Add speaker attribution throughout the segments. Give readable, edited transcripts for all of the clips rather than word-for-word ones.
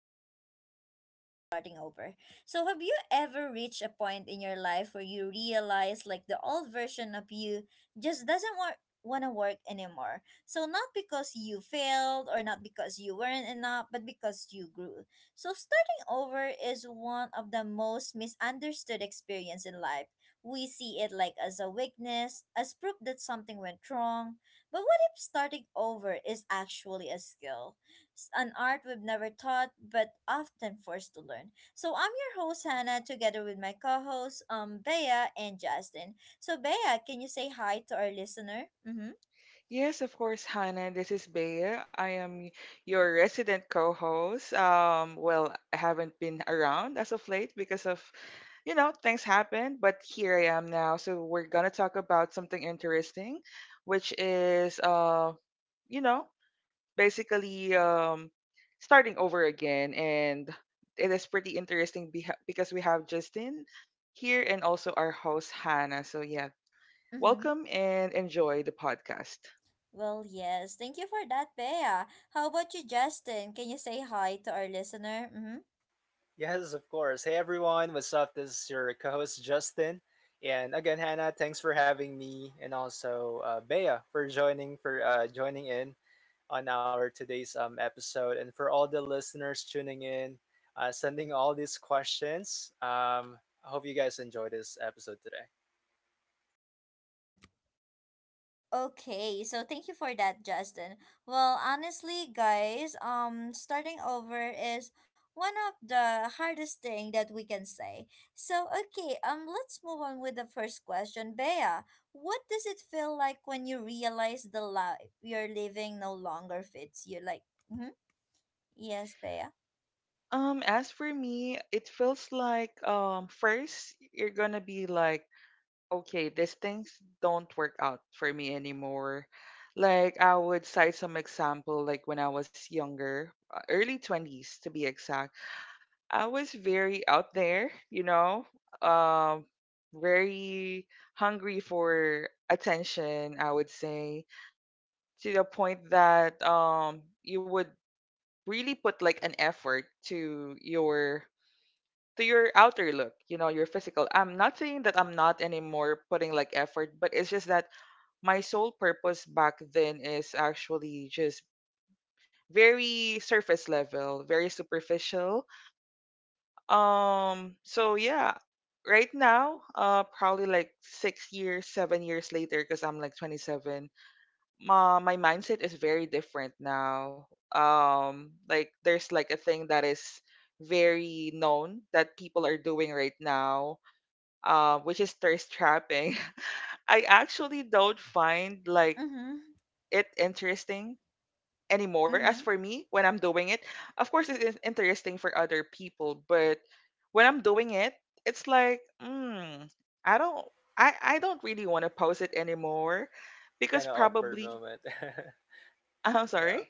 Speaker 1: welcome to the art of starting over. Have you ever reached a point in your life where you realize like the old version of you just doesn't work? Want to work anymore. So not because you failed or not because you weren't enough, but because you grew. So starting over is one of the most misunderstood experience in life. We see it like as a weakness, as proof that something went wrong, but what starting over is actually a skill, an art we've never taught but often forced to learn. So I'm your host Hannah, together with my co-hosts Bea and Justin. So Bea, can you say hi to our listener? Mm-hmm.
Speaker 2: Yes, of course, Hannah. This is Bea. I am your resident co-host. Well, I haven't been around as of late because of things happened, but here I am now. So we're gonna talk about something interesting, which is, you know, basically, starting over again, and it is pretty interesting because we have Justin here and also our host Hannah. So yeah,
Speaker 1: Mm-hmm.
Speaker 2: welcome and enjoy the podcast.
Speaker 1: Well, yes. Thank you for that, Bea. How about you, Justin? Can you say hi to our listener? Mm-hmm.
Speaker 3: Yes, of course. Hey everyone, what's up? This is your co-host Justin, and again, Hannah, thanks for having me, and also Bea for joining for joining in on our today's episode, and for all the listeners tuning in, sending all these questions. I hope you guys enjoy this episode today.
Speaker 1: Okay, so thank you for that, Justin. Well, honestly, guys, starting over is one of the hardest thing that we can say. So, okay, let's move on with the first question, Bea. What does it feel like when you realize the life you're living no longer fits you? Like, mm-hmm, yes, Bea.
Speaker 2: As for me, it feels like first you're gonna be like, okay, these things don't work out for me anymore. Like I would cite some example, like when I was younger, early twenties to be exact. I was very out there, um, very hungry for attention. I would say to the point that you would really put like an effort to your outer look, your physical. I'm not saying that I'm not anymore putting like effort, but it's just that my sole purpose back then is actually just very surface level, very superficial. So yeah, right now, probably like 6 years, 7 years later, because I'm like 27, my mindset is very different now. Like there's like a thing that is very known that people are doing right now, which is thirst trapping. I actually don't find like
Speaker 1: Mm-hmm,
Speaker 2: it interesting anymore. As
Speaker 1: mm-hmm,
Speaker 2: for me, when I'm doing it, of course it is interesting for other people, but when I'm doing it, it's like, I don't, I don't really want to post it anymore
Speaker 3: Kind of
Speaker 2: because
Speaker 3: awkward
Speaker 2: probably,
Speaker 3: moment.
Speaker 2: I'm
Speaker 3: No,
Speaker 2: sorry.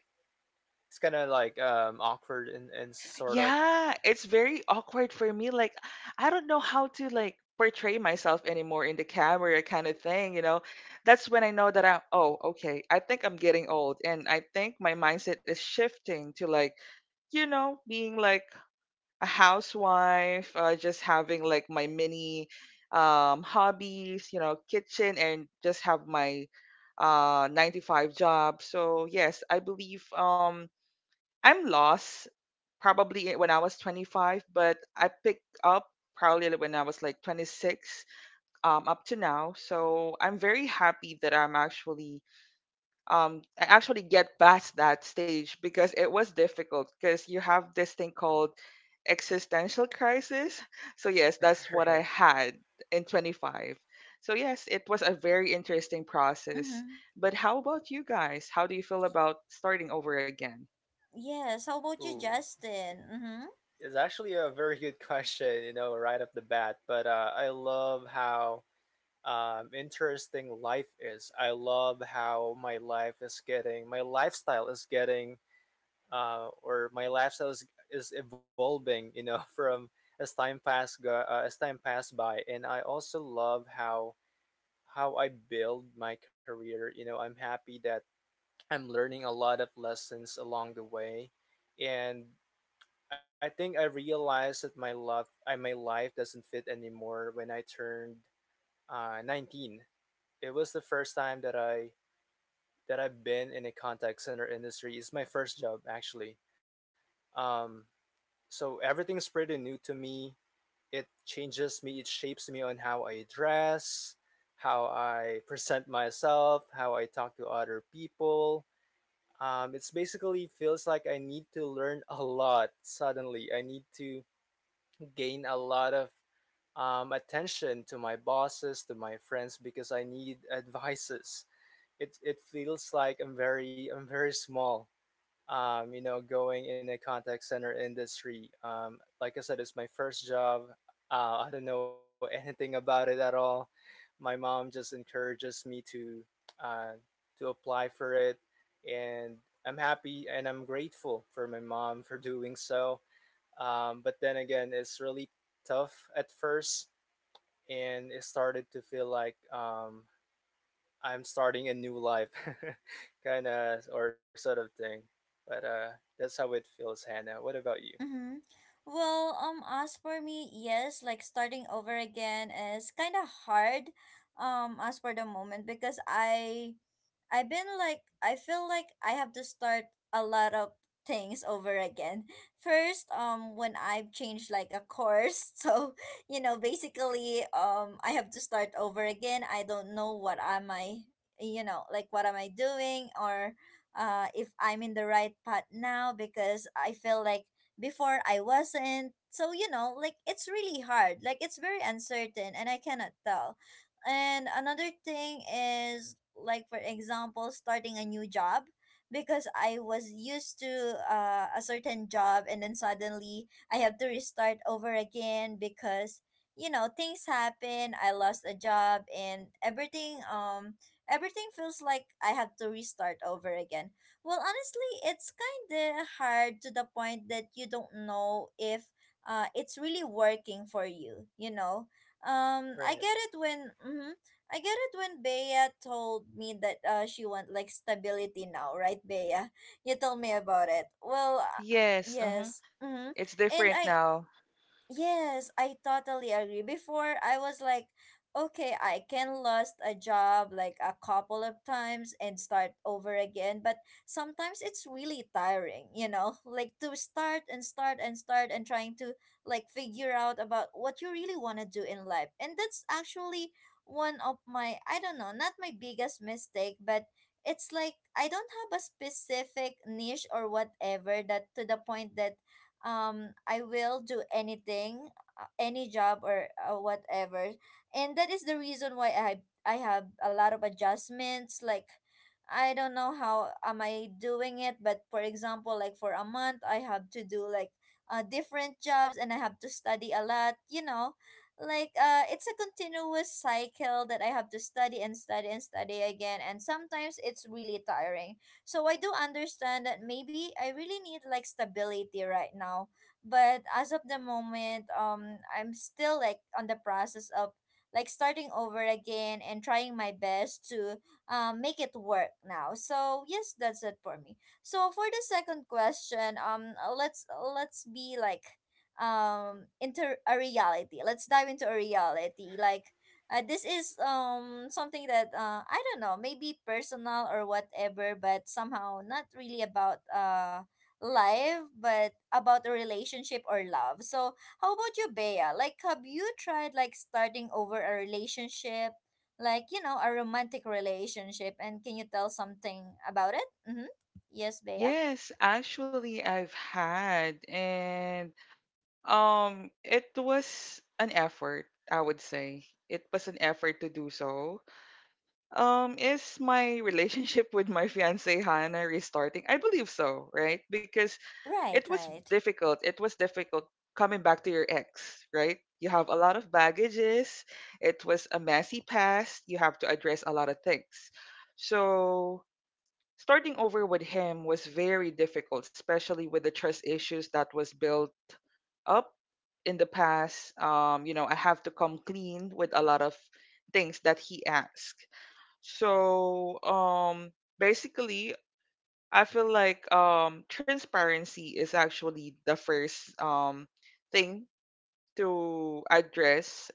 Speaker 3: it's kind of like awkward and sort of.
Speaker 2: Yeah, it's very awkward for me. Like, I don't know how to like portray myself anymore in the camera kind of thing. That's when I know that I'm oh, okay, I think I'm getting old and I think my mindset is shifting to like, being like a housewife, just having like my mini hobbies, kitchen, and just have my 9 to 5 job. So, yes, I believe I'm lost probably it when I was 25, but I picked up probably like when I was like 26, up to now. So I'm very happy that I actually get past that stage because it was difficult because you have this thing called existential crisis. So yes, that's what I had in 25. So yes, it was a very interesting process.
Speaker 1: mm-hmm.
Speaker 2: But how about you guys? How do you feel about starting over again?
Speaker 1: Yes. How
Speaker 3: Ooh.
Speaker 1: about you, Justin? Mm-hmm.
Speaker 3: It's actually a very good question, you know, right off the bat. But I love how interesting life is. I love how my life is getting, My lifestyle is getting, or my lifestyle is evolving, you know, from as time pass go, as time passed by. And I also love how I build my career. You know, I'm happy that I'm learning a lot of lessons along the way, and I think I realized that my love, I my life doesn't fit anymore when I turned 19. It was the first time that I've been in a contact center industry. It's my first job actually. Um, so everything's pretty new to me. It changes me. It shapes me on how I dress, how I present myself, how I talk to other people. It's basically feels like I need to learn a lot suddenly. I need to gain a lot of attention to my bosses, to my friends, because I need advices. It feels like I'm very small. You know, going in a contact center industry. Like I said, it's my first job. I don't know anything about it at all. My mom just encourages me uh, to apply for it, and I'm happy and I'm grateful for my mom for doing so. But then again, it's really tough at first and it started to feel like I'm starting a new life, kind of or sort of thing. But that's how it feels, Hannah. What about you?
Speaker 1: Mm-hmm. Well, as for me, yes, like starting over again is kind of hard, as for the moment because I've been like I feel like I have to start a lot of things over again. First, when I've changed like a course, so you know, basically, I have to start over again. I don't know what am I, you know, like what am I doing or, if I'm in the right path now because I feel like before I wasn't. So, you know, like it's really hard. Like it's very uncertain and I cannot tell. And another thing is like for example, starting a new job because I was used to a certain job and then suddenly I have to restart over again because you know things happen. I lost a job and everything. Everything feels like I have to restart over again. Well, honestly, it's kind of hard to the point that you don't know if it's really working for you, you know? I
Speaker 3: Right.
Speaker 1: get it when mm-hmm, I get it when Bea told me that she want like stability now, right, Bea? You told me about it. Well,
Speaker 2: Yes, uh-huh.
Speaker 1: yes. Mm-hmm.
Speaker 2: It's
Speaker 1: And
Speaker 2: different
Speaker 1: I
Speaker 2: now.
Speaker 1: Yes, I totally agree. Before I was like, okay, I can lost a job like a couple of times and start over again, but sometimes it's really tiring, you know, like to start and start and start and trying to like figure out about what you really want to do in life. And that's actually one of my, I don't know, not my biggest mistake, but it's like I don't have a specific niche or whatever that to the point that I will do anything, any job or whatever. And that is the reason why I have a lot of adjustments like I don't know how am I doing it, but for example, like for a month, I have to do like different jobs and I have to study a lot. You know, like it's a continuous cycle that I have to study and study and study again. And sometimes it's really tiring. So I do understand that maybe I really need like stability right now. But as of the moment, I'm still like on the process of like starting over again and trying my best to make it work now. So yes, that's it for me. So for the second question, let's be like into a reality. Let's dive into a reality. Like this is something that I don't know, maybe personal or whatever, but somehow not really about life, but about a relationship or love. So how about you, Bea? Like have you tried like starting over a relationship? Like, you know, a romantic relationship and can you tell something about it? Mm-hmm. Yes, Bea?
Speaker 2: Yes, actually I've had, and it was an effort, I would say. It was an effort to do so. Is my relationship with my fiance Hannah restarting? I believe so, right? Because it
Speaker 1: Right,
Speaker 2: was
Speaker 1: right.
Speaker 2: difficult. It was difficult coming back to your ex, right? You have a lot of baggages. It was a messy past. You have to address a lot of things. So starting over with him was very difficult, especially with the trust issues that was built up in the past. I have to come clean with a lot of things that he asked. So basically, I feel like, transparency is actually the first, thing to address,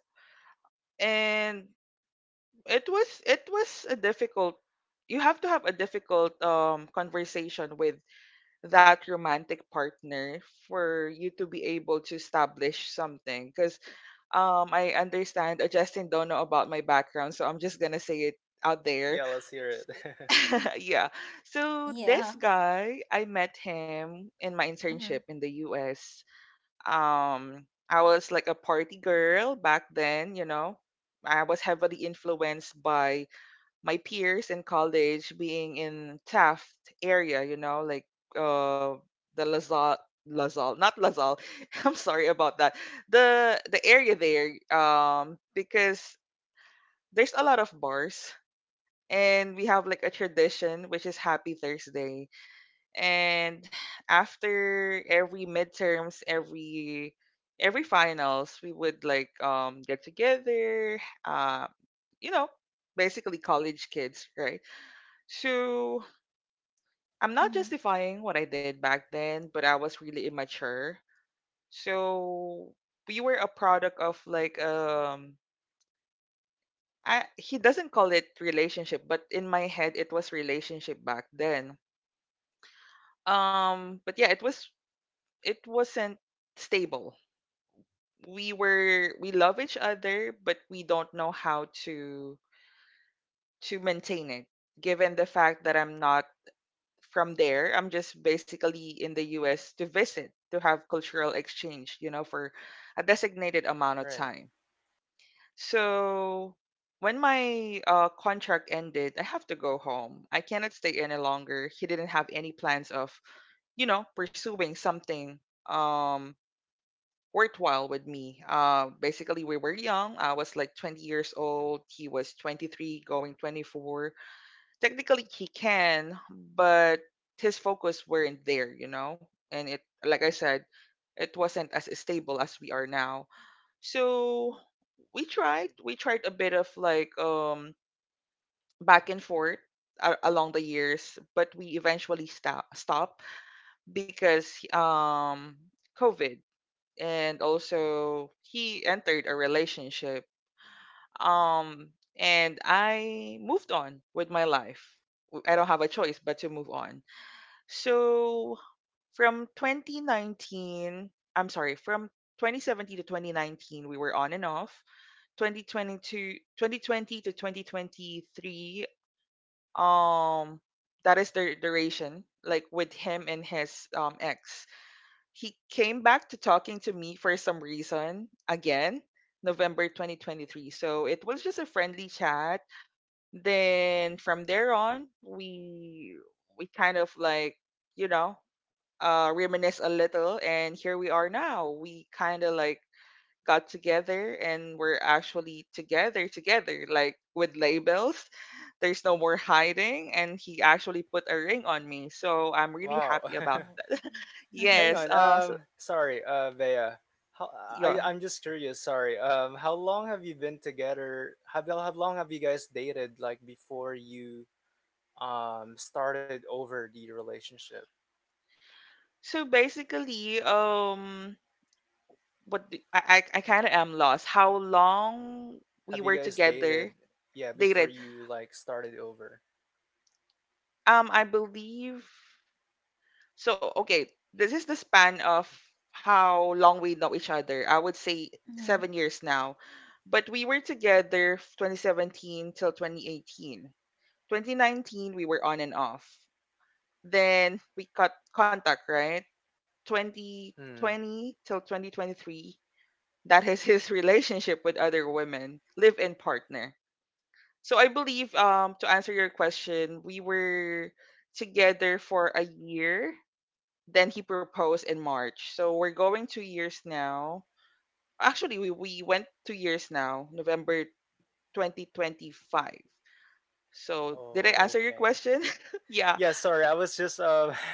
Speaker 2: and it was a difficult. You have to have a difficult, conversation with that romantic partner for you to be able to establish something, because I understand Justin don't know about my background, so I'm just gonna say it out there.
Speaker 3: Yeah, let's hear it.
Speaker 2: Yeah, so this
Speaker 1: Yeah.
Speaker 2: guy, I met him in my internship
Speaker 1: Mm-hmm.
Speaker 2: in the US. I was like a party girl back then. I was heavily influenced by my peers in college, being in Taft area, like uh the Lazal Lazal, not Lazal. I'm sorry about that. The area there, because there's a lot of bars, and we have like a tradition which is Happy Thursday. And after every midterms, every finals, we would like, get together, you know, basically college kids, right? So I'm not
Speaker 1: Mm-hmm.
Speaker 2: justifying what I did back then, but I was really immature. So we were a product of like, I he doesn't call it relationship, but in my head it was relationship back then. But yeah, it wasn't stable. We love each other, but we don't know how to maintain it, given the fact that I'm not from there, I'm just basically in the US to visit, to have cultural exchange, for a designated amount of
Speaker 3: Right.
Speaker 2: time. So when my contract ended, I have to go home. I cannot stay any longer. He didn't have any plans of pursuing something, um, worthwhile with me. Basically, we were young. I was like 20 years old. He was 23, going 24. Technically he can, but his focus weren't there, you know? And it like I said, it wasn't as stable as we are now. So we tried a bit of like, back and forth along the years, but we eventually stop because COVID, and also he entered a relationship. Um and I moved on with my life. I don't have a choice but to move on. So from 2019, I'm sorry, from 2017 to 2019, we were on and off. 2020 2020 to 2023, um, that is the duration, like with him and his ex. He came back to talking to me for some reason again, November 2023. So it was just a friendly chat, then from there on, we kind of like, you know, reminisce a little, and here we are now. We kind of like got together, and we're actually together together, like with labels. There's no more hiding, and he actually put a ring on me. So I'm really
Speaker 3: Wow.
Speaker 2: happy about
Speaker 1: No.
Speaker 2: that.
Speaker 3: Hang
Speaker 2: Yes,
Speaker 3: on.
Speaker 2: so,
Speaker 3: Sorry, Bea. I
Speaker 2: yeah.
Speaker 3: I'm just curious. Sorry. How long have you been together? Have you How long have you guys dated? Like before you started over the relationship?
Speaker 2: So basically, what do, I kind of am lost. How long we
Speaker 3: Have
Speaker 2: were
Speaker 3: you guys
Speaker 2: together.
Speaker 3: dated, yeah, before
Speaker 2: Dated.
Speaker 3: you like started over?
Speaker 2: I believe so. Okay, this is the span of how long we know each other. I would say
Speaker 1: Mm-hmm.
Speaker 2: 7 years now, but we were together 2017 till 2018. 2019 we were on and off. Then we cut contact, right?
Speaker 3: Hmm.
Speaker 2: 2020 till 2023. That is his relationship with other women, live-in partner. So I believe, to answer your question, we were together for a year. Then he proposed in March. So we're going 2 years now. Actually, we went 2 years now, November 2025. So did I
Speaker 3: Oh,
Speaker 2: answer your
Speaker 3: okay.
Speaker 2: question?
Speaker 3: Yeah,
Speaker 2: Yeah.
Speaker 3: sorry. I was just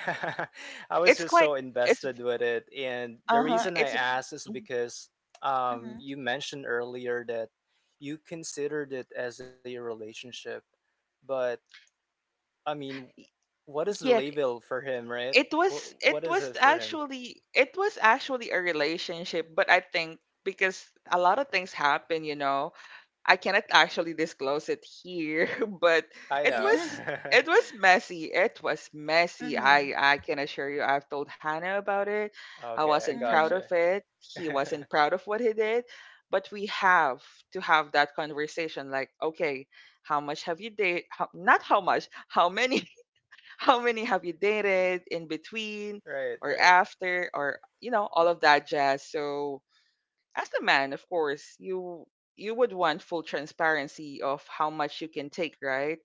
Speaker 3: I was
Speaker 2: It's
Speaker 3: just so
Speaker 2: quite it's
Speaker 3: invested with it. And the
Speaker 2: uh-huh.
Speaker 3: reason I asked is because you mentioned earlier that you considered it as a relationship. But I mean,
Speaker 2: Y-
Speaker 3: what is the
Speaker 2: yeah,
Speaker 3: label for him, right?
Speaker 2: it was it
Speaker 3: What is
Speaker 2: was
Speaker 3: it for him?
Speaker 2: actually it was actually a relationship, but I think because a lot of things happen. I cannot actually disclose it here, but
Speaker 3: I
Speaker 2: it
Speaker 3: know.
Speaker 1: Yeah.
Speaker 2: was it was messy. It was messy.
Speaker 1: Mm-hmm.
Speaker 2: I can assure you. I've told Hannah about it. I
Speaker 3: Okay,
Speaker 2: wasn't
Speaker 3: I
Speaker 2: proud
Speaker 1: Mm-hmm.
Speaker 2: of
Speaker 3: gotcha.
Speaker 2: it. He wasn't proud of what he did. But we have to have that conversation. Like, okay, how much have you dated? How, not how much. How many? How many have you dated in between
Speaker 3: Right,
Speaker 2: or
Speaker 3: right.
Speaker 2: after or all of that jazz? So as a man, of course, you would want full transparency of how much you can take, right?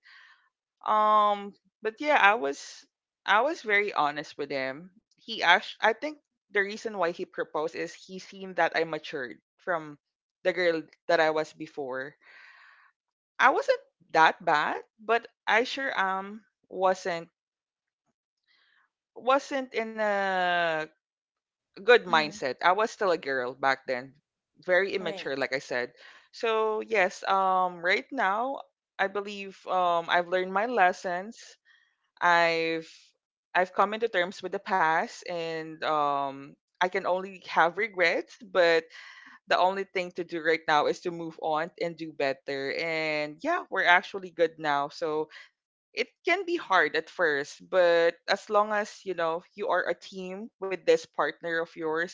Speaker 2: Um, but yeah, I was very honest with him. He asked. I think the reason why he proposed is he seen that I matured from the girl that I was before. I wasn't that bad, but I sure, wasn't wasn't in a good
Speaker 1: Mm-hmm.
Speaker 2: mindset. I was still a girl back then, very immature,
Speaker 1: Right.
Speaker 2: like I said. So yes, right now I believe, I've learned my lessons. I've I've come into terms with the past, and I can only have regrets. But the only thing to do right now is to move on and do better. And yeah, we're actually good now. So it can be hard at first, but as long as you know you are a team with this partner of yours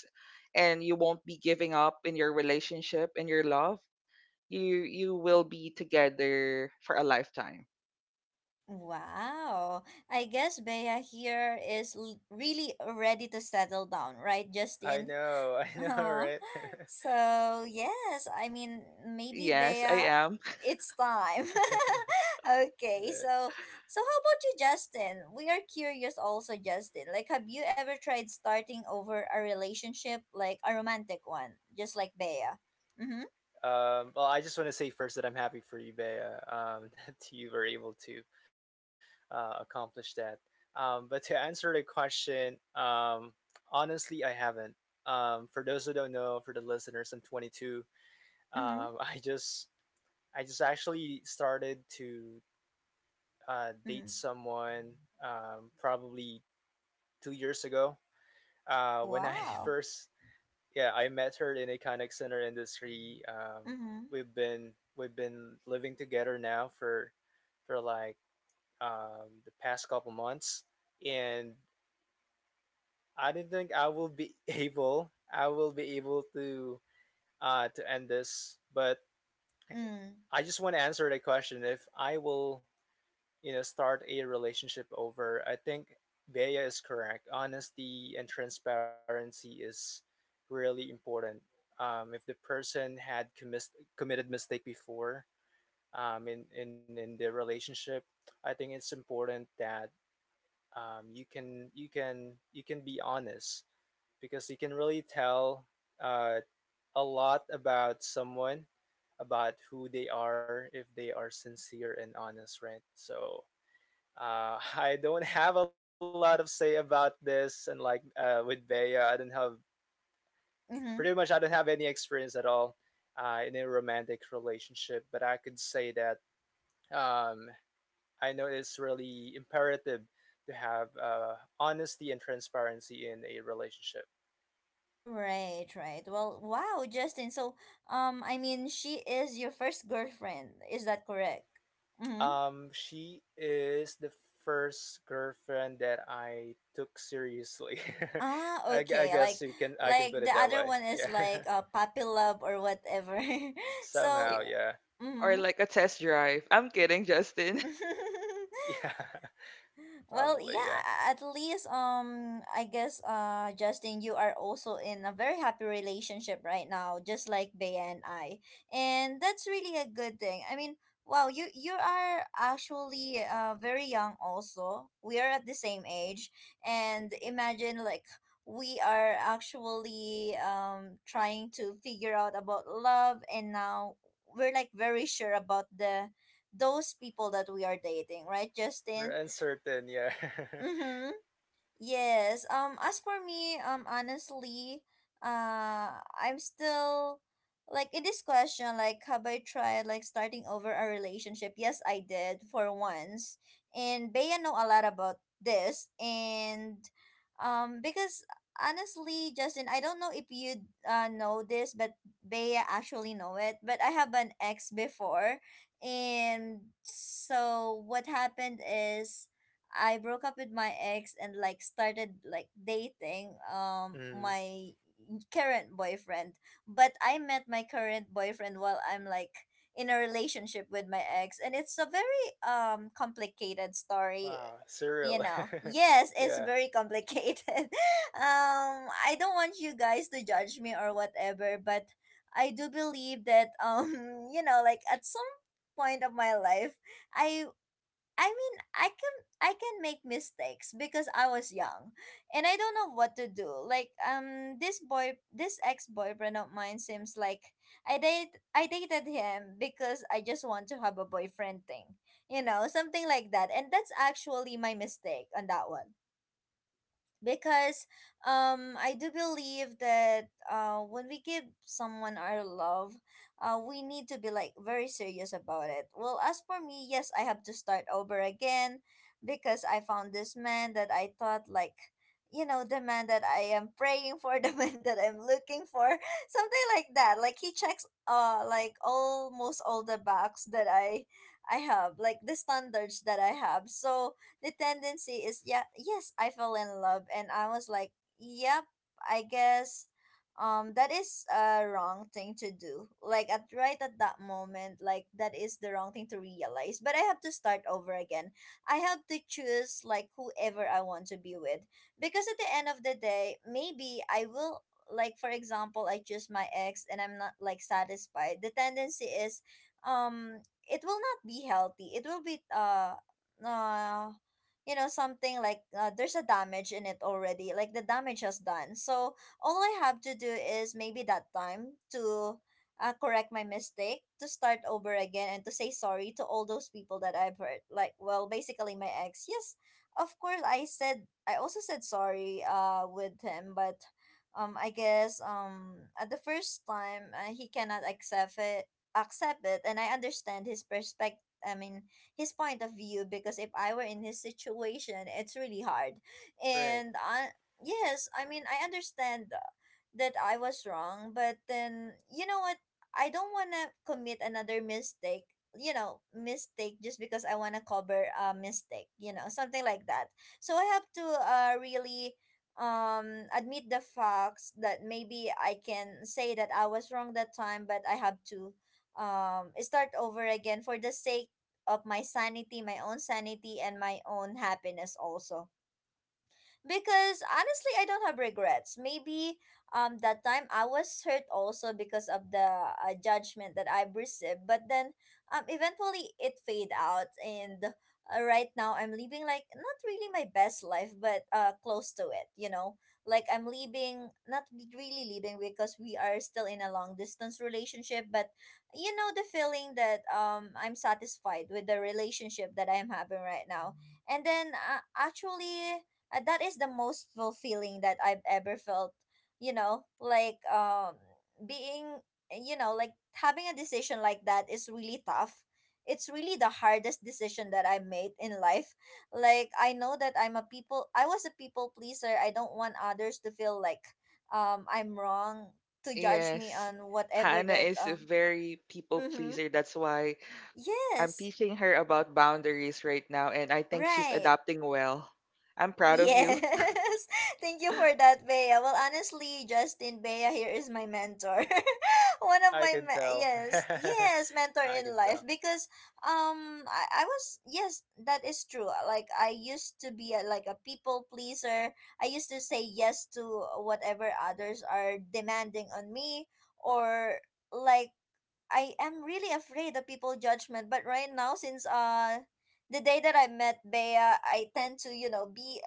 Speaker 2: and you won't be giving up in your relationship and your love, you will be together for a lifetime.
Speaker 1: Wow. I guess Bea here is really ready to settle down, right,
Speaker 3: I
Speaker 1: Justin?
Speaker 3: know, I know,
Speaker 1: Uh-huh.
Speaker 3: right?
Speaker 1: So, yes, I mean, maybe
Speaker 2: Yes, I
Speaker 1: Bea,
Speaker 2: am.
Speaker 1: it's time.
Speaker 3: It
Speaker 1: Okay. So,
Speaker 3: is.
Speaker 1: so how about you, Justin? We are curious also, Justin. Like, have you ever tried starting over a relationship, like a romantic one, just like Bea? Mm-hmm.
Speaker 3: Well, I just want to say first that I'm happy for you, Bea, that you were able to accomplish that. But to answer the question, honestly, I haven't. For those who don't know, for the listeners, I'm 22.
Speaker 1: Mm-hmm.
Speaker 3: Um, I just, I just actually started to date
Speaker 1: Mm-hmm.
Speaker 3: someone probably 2 years ago. When I
Speaker 1: Wow.
Speaker 3: first yeah, I met her in a contact center industry.
Speaker 1: Mm-hmm.
Speaker 3: We've been living together now for like the past couple months, and I didn't think I will be able I will be able to end this, but
Speaker 1: Mm.
Speaker 3: I just want to answer the question if I will you know start a relationship over. I think Bea is correct, honesty and transparency is really important. If the person had committed mistake before, in the relationship, I think it's important that you can be honest, because you can really tell uh, a lot about someone, about who they are, if they are sincere and honest, right? So I don't have a lot of say about this, and like with Bea, I don't have pretty
Speaker 1: Mm-hmm.
Speaker 3: much I don't have any experience at all in a romantic relationship. But I could say that um, I know it's really imperative to have honesty and transparency in a relationship.
Speaker 1: Right, right. Well, wow, Justin. So, I mean, she is your first girlfriend. Is that correct? Mm-hmm.
Speaker 3: She is the first girlfriend that I took seriously.
Speaker 1: Ah,
Speaker 3: I
Speaker 1: okay.
Speaker 3: guess you can I can put
Speaker 1: Like the
Speaker 3: it that
Speaker 1: other
Speaker 3: way.
Speaker 1: one is
Speaker 3: Yeah,
Speaker 1: like a puppy love or whatever.
Speaker 2: Y-
Speaker 3: somehow.
Speaker 1: So,
Speaker 3: Yeah.
Speaker 2: Or
Speaker 1: mm-hmm.
Speaker 2: like a test drive. I'm kidding, Justin.
Speaker 3: yeah.
Speaker 1: Well, yeah,
Speaker 3: Probably, yeah.
Speaker 1: at least I guess Justin, you are also in a very happy relationship right now, just like Bea and I. And that's really a good thing. I mean, wow, you are actually very young also. We are at the same age and imagine like we are actually trying to figure out about love and now we're like very sure about the those people that we are dating, right,
Speaker 3: We're
Speaker 1: Justin?
Speaker 3: uncertain, yeah.
Speaker 1: Mm-hmm. Yes. As for me, Honestly, I'm still like in this question. Like, have I tried like starting over a relationship? Yes, I did for once, and Bea know a lot about this, and because honestly, Justin, I don't know if you know this, but Bea actually know it. But I have an ex before, and so what happened is. I broke up with my ex and like started like dating
Speaker 3: Mm,
Speaker 1: my current boyfriend. But I met my current boyfriend while I'm like in a relationship with my ex and it's a very complicated story.
Speaker 3: wow,
Speaker 1: You
Speaker 3: surreal.
Speaker 1: know. Yes, it's
Speaker 3: Yeah,
Speaker 1: very complicated. I don't want you guys to judge me or whatever, but I do believe that you know like at some point of my life I I mean, I can make mistakes because I was young, and I don't know what to do. Like this boy, this ex boyfriend of mine seems like I dated him because I just want to have a boyfriend thing, you know, something like that. And that's actually my mistake on that one because I do believe that when we give someone our love, we need to be like very serious about it. Well, as for me, yes, I have to start over again because I found this man that I thought like you know the man that I am praying for, the man that I'm looking for, something like that. Like he checks like almost all the box that I have, like the standards that I have. So the tendency is yeah, yes, I fell in love, and I was like, yep, I guess, that is a wrong thing to do. Like at right at that moment, like that is the wrong thing to realize. But I have to start over again. I have to choose like whoever I want to be with, because at the end of the day, maybe I will. Like for example, I choose my ex and I'm not like satisfied. The tendency is um it will not be healthy. It will be uh you know something like there's a damage in it already like the damage has done. So all I have to do is maybe that time to correct my mistake, to start over again and to say sorry to all those people that I've hurt, like well basically my ex. Yes, of course I said, I also said sorry with him. But I guess at the first time he cannot accept it and I understand his perspective. I mean his point of view because if I were in his situation, it's really hard.
Speaker 3: right.
Speaker 1: And I, yes, I mean, I understand that I was wrong, but then, you know what? I don't want to commit another mistake, you know, mistake just because I want to cover a mistake, you know, something like that. So I have to really admit the facts that maybe I can say that I was wrong that time, but I have to start over again for the sake of my sanity, my own sanity, and my own happiness also, because honestly I don't have regrets. Maybe that time I was hurt also because of the judgment that I've received, but then eventually it fade out. And right now I'm living like not really my best life, but close to it. Like I'm leaving, not really leaving, because we are still in a long distance relationship. But you know, the feeling that I'm satisfied with the relationship that I'm having right now. And then actually, that is the most fulfilling that I've ever felt. You know, like being, like having a decision like that is really tough. It's really the hardest decision that I made in life. Like I know that I'm a people. I was a people pleaser. I don't want others to feel like I'm wrong to judge me
Speaker 2: Yes.
Speaker 1: on whatever
Speaker 2: Hannah
Speaker 1: that
Speaker 2: is a
Speaker 1: um.
Speaker 2: very people
Speaker 1: Mm-hmm.
Speaker 2: pleaser. That's why I'm
Speaker 1: Yes.
Speaker 2: teaching her about boundaries right now, and I think she's
Speaker 1: Right.
Speaker 2: adapting well. I'm proud of you.
Speaker 1: Yes. Thank you for that, Bea. Well, honestly, Justin, Bea here is my mentor. One of
Speaker 3: I
Speaker 1: my
Speaker 3: can
Speaker 1: me-
Speaker 3: tell.
Speaker 1: yes, yes, Mentor
Speaker 3: I
Speaker 1: in
Speaker 3: can
Speaker 1: life
Speaker 3: tell.
Speaker 1: because I was, yes, that is true. Like I used to be a, like a people pleaser. I used to say yes to whatever others are demanding on me, or like I am really afraid of people judgment. But right now, since the day that I met Bea, I tend to, you know, be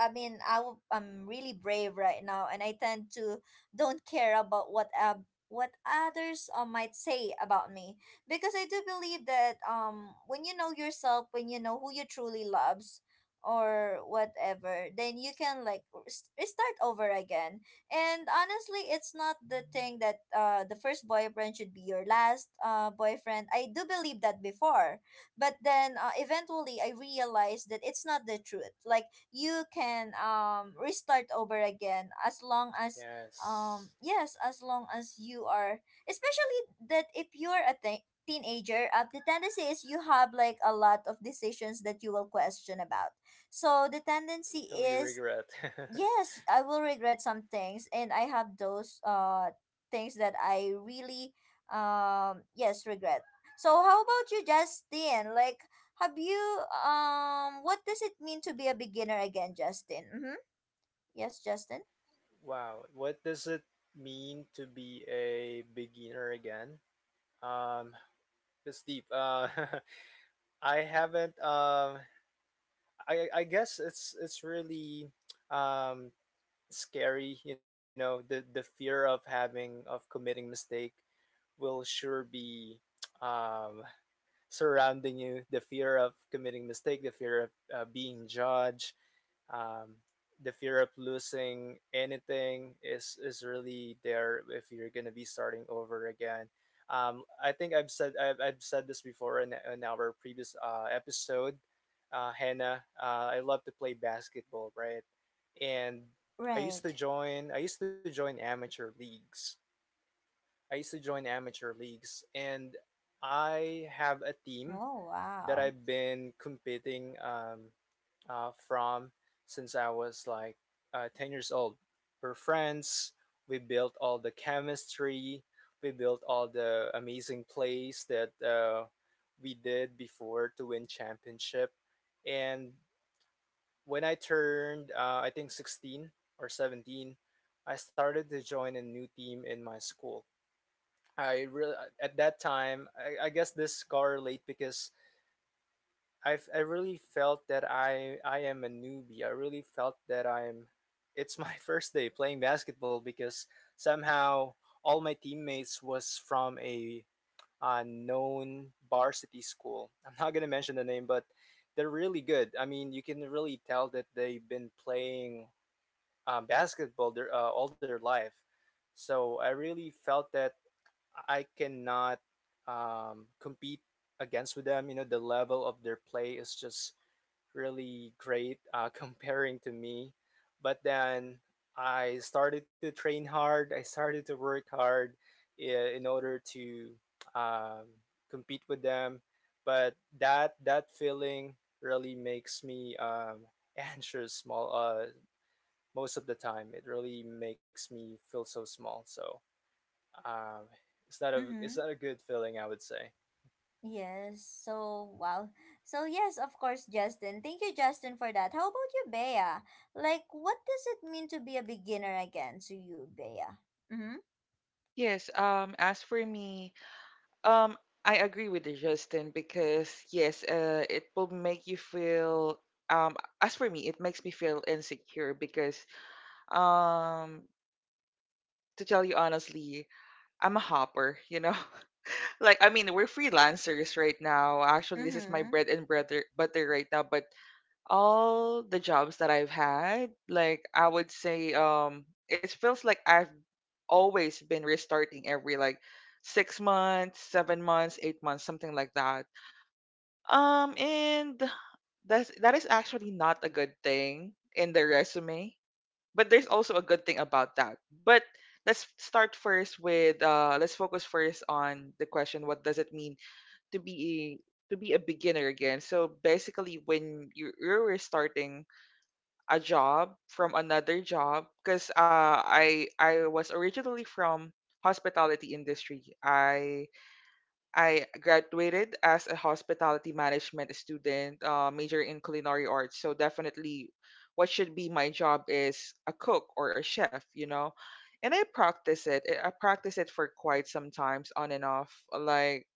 Speaker 1: I mean, I w- I'm really brave right now, and I tend to don't care about what others might say about me, because I do believe that when you know yourself, when you know who you truly loves or whatever, then you can like start over again. And honestly, it's not the thing that the first boyfriend should be your last boyfriend. I do believe that before, but then eventually I realized that it's not the truth. Like you can restart over again as long as
Speaker 3: Yes.
Speaker 1: yes, as long as you are, especially that if you're a teenager, the tendency is you have like a lot of decisions that you will question about. So the tendency
Speaker 3: Though you
Speaker 1: is,
Speaker 3: regret.
Speaker 1: yes, I will regret some things, and I have those things that I really yes regret. So how about you, Justin? Like, have you what does it mean to be a beginner again, Justin? Mm-hmm. Yes, Justin.
Speaker 3: Wow, what does it mean to be a beginner again? Um, it's deep. I haven't. I guess it's really um scary. You know, the fear of having of committing mistake will sure be um, surrounding you. The fear of committing mistake, the fear of being judged, um, the fear of losing anything is really there if you're gonna be starting over again. I've said this before in our previous episode, Hannah. I love to play basketball, right? And
Speaker 1: Right.
Speaker 3: I used to join amateur leagues. I used to join amateur leagues, and I have a team
Speaker 1: Oh
Speaker 3: that
Speaker 1: wow.
Speaker 3: I've been competing from since I was like 10 years old. We're friends, we built all the chemistry, we built all the amazing plays that we did before to win championship. And when I turned, I think, 16 or 17, I started to join a new team in my school. I really at that time I guess this correlate because I really felt that I am a newbie. I really felt that I'm it's my first day playing basketball because somehow all my teammates was from a known varsity school. I'm not gonna mention the name, but they're really good. I mean, you can really tell that they've been playing basketball all their life. So I really felt that I cannot compete against with them. You know, the level of their play is just really great comparing to me. But then I started to train hard. I started to work hard in order to um, compete with them. But that feeling really makes me anxious. Small, most of the time, it really makes me feel so small. So. Um, it's not a it's
Speaker 1: Mm-hmm.
Speaker 3: not a good feeling, I would say.
Speaker 1: Yes. So wow. So yes, of course, Justin. Thank you, Justin, for that. How about you, Bea? Like, what does it mean to be a beginner again to you, Bea? Mm-hmm.
Speaker 2: Yes, as for me, um, I agree with you, Justin, because yes, it will make you feel, as for me, it makes me feel insecure, because um, to tell you honestly, I'm a hopper. Like, I mean, we're freelancers right now. Actually, this is my
Speaker 1: Mm-hmm.
Speaker 2: bread and butter right now, but all the jobs that I've had, like I would say it feels like I've always been restarting every like 6 months, 7 months, 8 months, something like that. And that is actually not a good thing in the resume, but there's also a good thing about that. But let's start first with let's focus first on the question: what does it mean to be to be a beginner again? So basically, when you're restarting a job from another job because I was originally from hospitality industry. I graduated as a hospitality management student, major in culinary arts. So definitely, what should be my job is a cook or a chef, you know. And I practice it. I practice it for quite some times, on and off. Like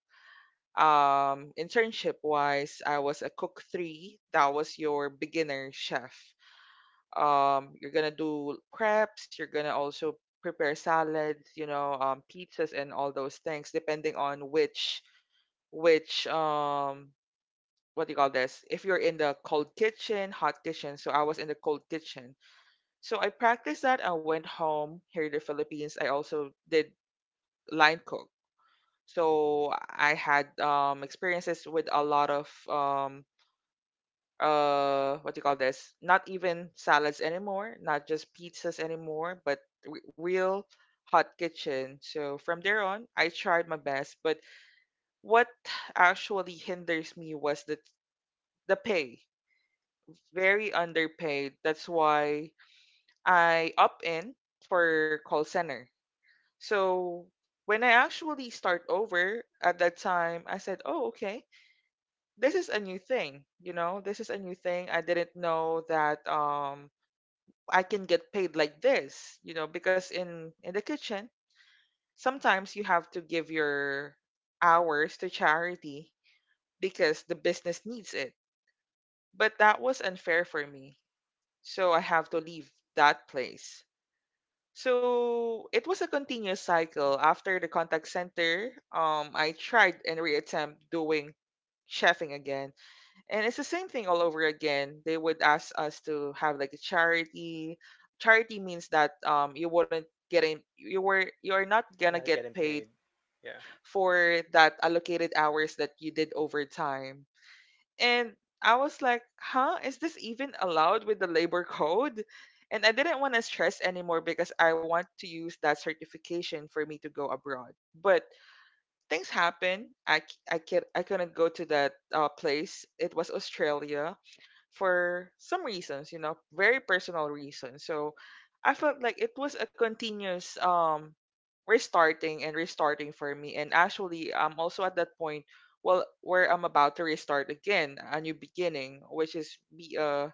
Speaker 2: internship wise, I was a cook three. That was your beginner chef. You're gonna do crepes, you're gonna also prepare salads, you know, pizzas and all those things, depending on which which what do you call this, if you're in the cold kitchen, hot kitchen. So I was in the cold kitchen. So I practiced that. I went home here in the Philippines, I also did line cook. So I had experiences with a lot of what do you call this, not even salads anymore, not just pizzas anymore, but real hot kitchen. So from there on, I tried my best, but what actually hinders me was the pay. Very underpaid. That's why I up in for call center. So when I actually start over at that time, I said, oh, okay, this is a new thing, you know. This is a new thing. I didn't know that I can get paid like this, you know, because in the kitchen, sometimes you have to give your hours to charity because the business needs it. But that was unfair for me. So I have to leave that place. So it was a continuous cycle. After the contact center, I tried and reattempt doing chefing again, and it's the same thing all over again. They would ask us to have like a charity. Means that you wouldn't get in, you're not gonna
Speaker 3: You're not
Speaker 2: get
Speaker 3: getting
Speaker 2: paid
Speaker 3: paid. Yeah.
Speaker 2: for that allocated hours that you did overtime. And I was like, huh, is this even allowed with the labor code? And I didn't want to stress anymore because I want to use that certification for me to go abroad. But things happen. I c- I, can, I couldn't go to that place. It was Australia, for some reasons, you know, very personal reasons. So I felt like it was a continuous restarting and restarting for me. And actually, I'm also at that point, well, where I'm about to restart again, a new beginning, which is be a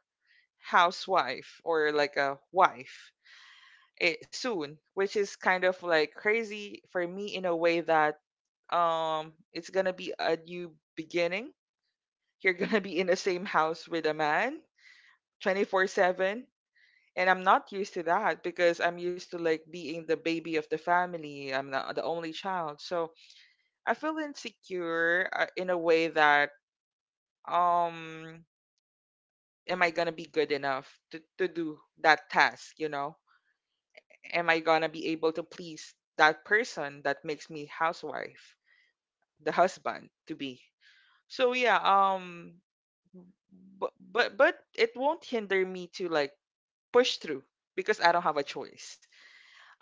Speaker 2: housewife or like a wife, it, soon, which is kind of like crazy for me in a way that it's gonna be a new beginning. You're gonna be in the same house with a man 24/7, and I'm not used to that because I'm used to like being the baby of the family. I'm the only child, so I feel insecure in a way that um, am I gonna be good enough to do that task? You know, am I gonna be able to please that person that makes me housewife, the husband to be? So yeah, but it won't hinder me to like push through because I don't have a choice.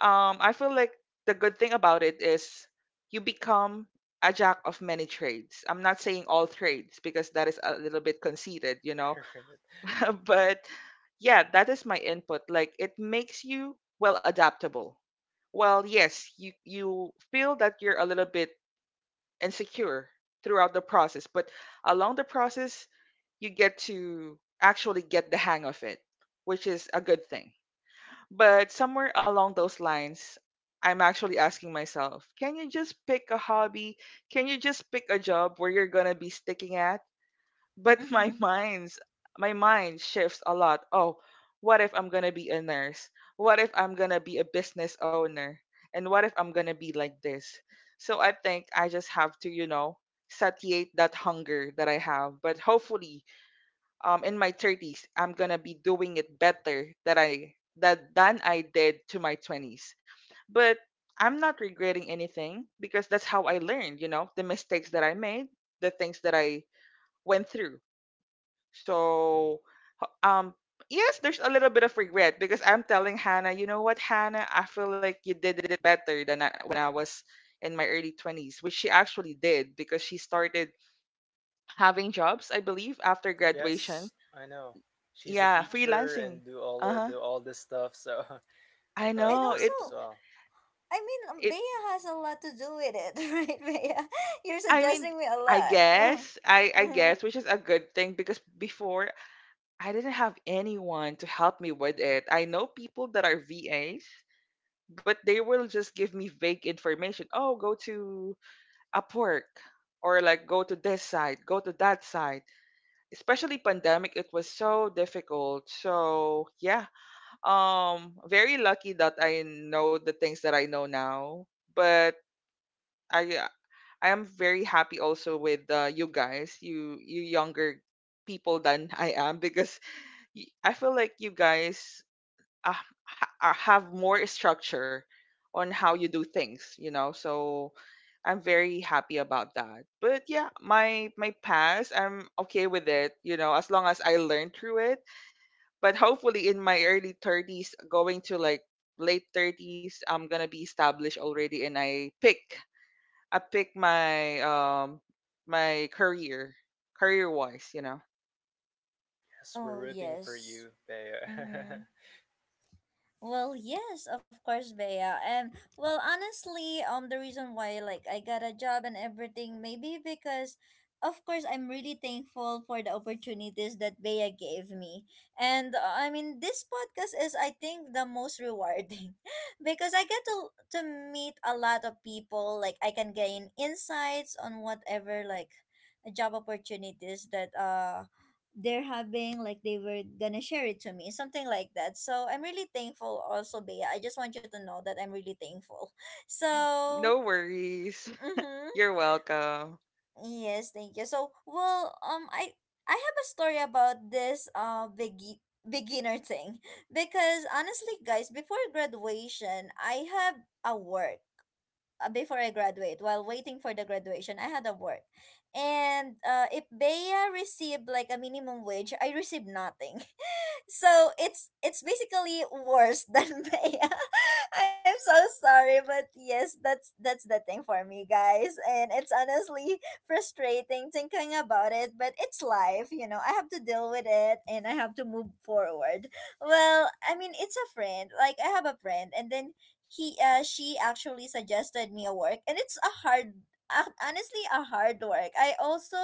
Speaker 2: I feel like the good thing about it is you become a jack of many trades. I'm not saying all trades because that is a little bit conceited, you know. But yeah, that is my input. Like, it makes you well adaptable. Well, yes, you feel that you're a little bit insecure throughout the process, but along the process, you get to actually get the hang of it, which is a good thing. But somewhere along those lines, I'm actually asking myself, can you just pick a hobby? Can you just pick a job where you're going to be sticking at? But my
Speaker 1: Mhm.
Speaker 2: mind's my mind shifts a lot. Oh, what if I'm going to be a nurse? What if I'm going to be a business owner? And what if I'm going to be like this? So I think I just have to, you know, satiate that hunger that I have. But hopefully, in my 30s, I'm going to be doing it better that I that than I did to my 20s. But I'm not regretting anything because that's how I learned, you know, the mistakes that I made, the things that I went through. So h- um yes, there's a little bit of regret because I'm telling Hannah, you know what, Hannah, I feel like you did it better than I, when I was in my early 20s, which she actually did because she started having jobs, I believe, after graduation.
Speaker 3: Yes, I know. She's a
Speaker 2: Yeah,
Speaker 3: teacher
Speaker 2: freelancing.
Speaker 3: and
Speaker 2: Uh-huh.
Speaker 3: do all this stuff, so.
Speaker 2: I
Speaker 3: I'm proud
Speaker 1: And
Speaker 3: of
Speaker 2: know.
Speaker 3: her as
Speaker 2: It
Speaker 3: well.
Speaker 1: also,
Speaker 2: it
Speaker 1: Bea has a lot to do with it, right, Bea? You're
Speaker 2: I mean,
Speaker 1: suggesting me a lot.
Speaker 2: I
Speaker 1: Mhm.
Speaker 2: guess, which is a good thing because before I didn't have anyone to help me with it. I know people that are VAs, but they will just give me vague information. Oh, go to Upwork, or like go to this side, go to that side. Especially pandemic, it was so difficult. So, yeah. Very lucky that I know the things that I know now, but I uh, I am very happy also with you guys, you younger people than I am because I feel like you guys uh, have more structure on how you do things, you know. So I'm very happy about that. But yeah, my past, I'm okay with it, you know, as long as I learn through it. But hopefully in my early 30s going to like late 30s, I'm going to be established already and I picked my my career, career wise, you know.
Speaker 3: Yes, we're
Speaker 1: Oh,
Speaker 3: rooting for
Speaker 1: yes.
Speaker 3: you, Bea.
Speaker 1: Mm-hmm. Well, yes, of course, Bea. And well, honestly, the reason why like I got a job and everything, maybe because, of course, I'm really thankful for the opportunities that Bea gave me. And I mean, this podcast is, I think, the most rewarding because I get to meet a lot of people. Like I can gain insights on whatever like job opportunities that they're having, like they were gonna share it to me something like that. So I'm really thankful also, Bea. I just want you to know that I'm really thankful. So
Speaker 2: No worries.
Speaker 1: mm-hmm.
Speaker 2: You're welcome.
Speaker 1: Yes, thank you. So well, I I have a story about this beginner thing, because honestly guys, before graduation, I have a work before I graduate, while waiting for the graduation, I had a work. And if Bea received like a minimum wage, I received nothing. So it's basically worse than Maya. I'm so sorry, but yes, that's the thing for me, guys. And it's honestly frustrating thinking about it, but it's life, you know. I have to deal with it and I have to move forward. Well, I mean, it's a friend. Like I have a friend, and then he she actually suggested me a work, and it's a hard honestly a hard work. I also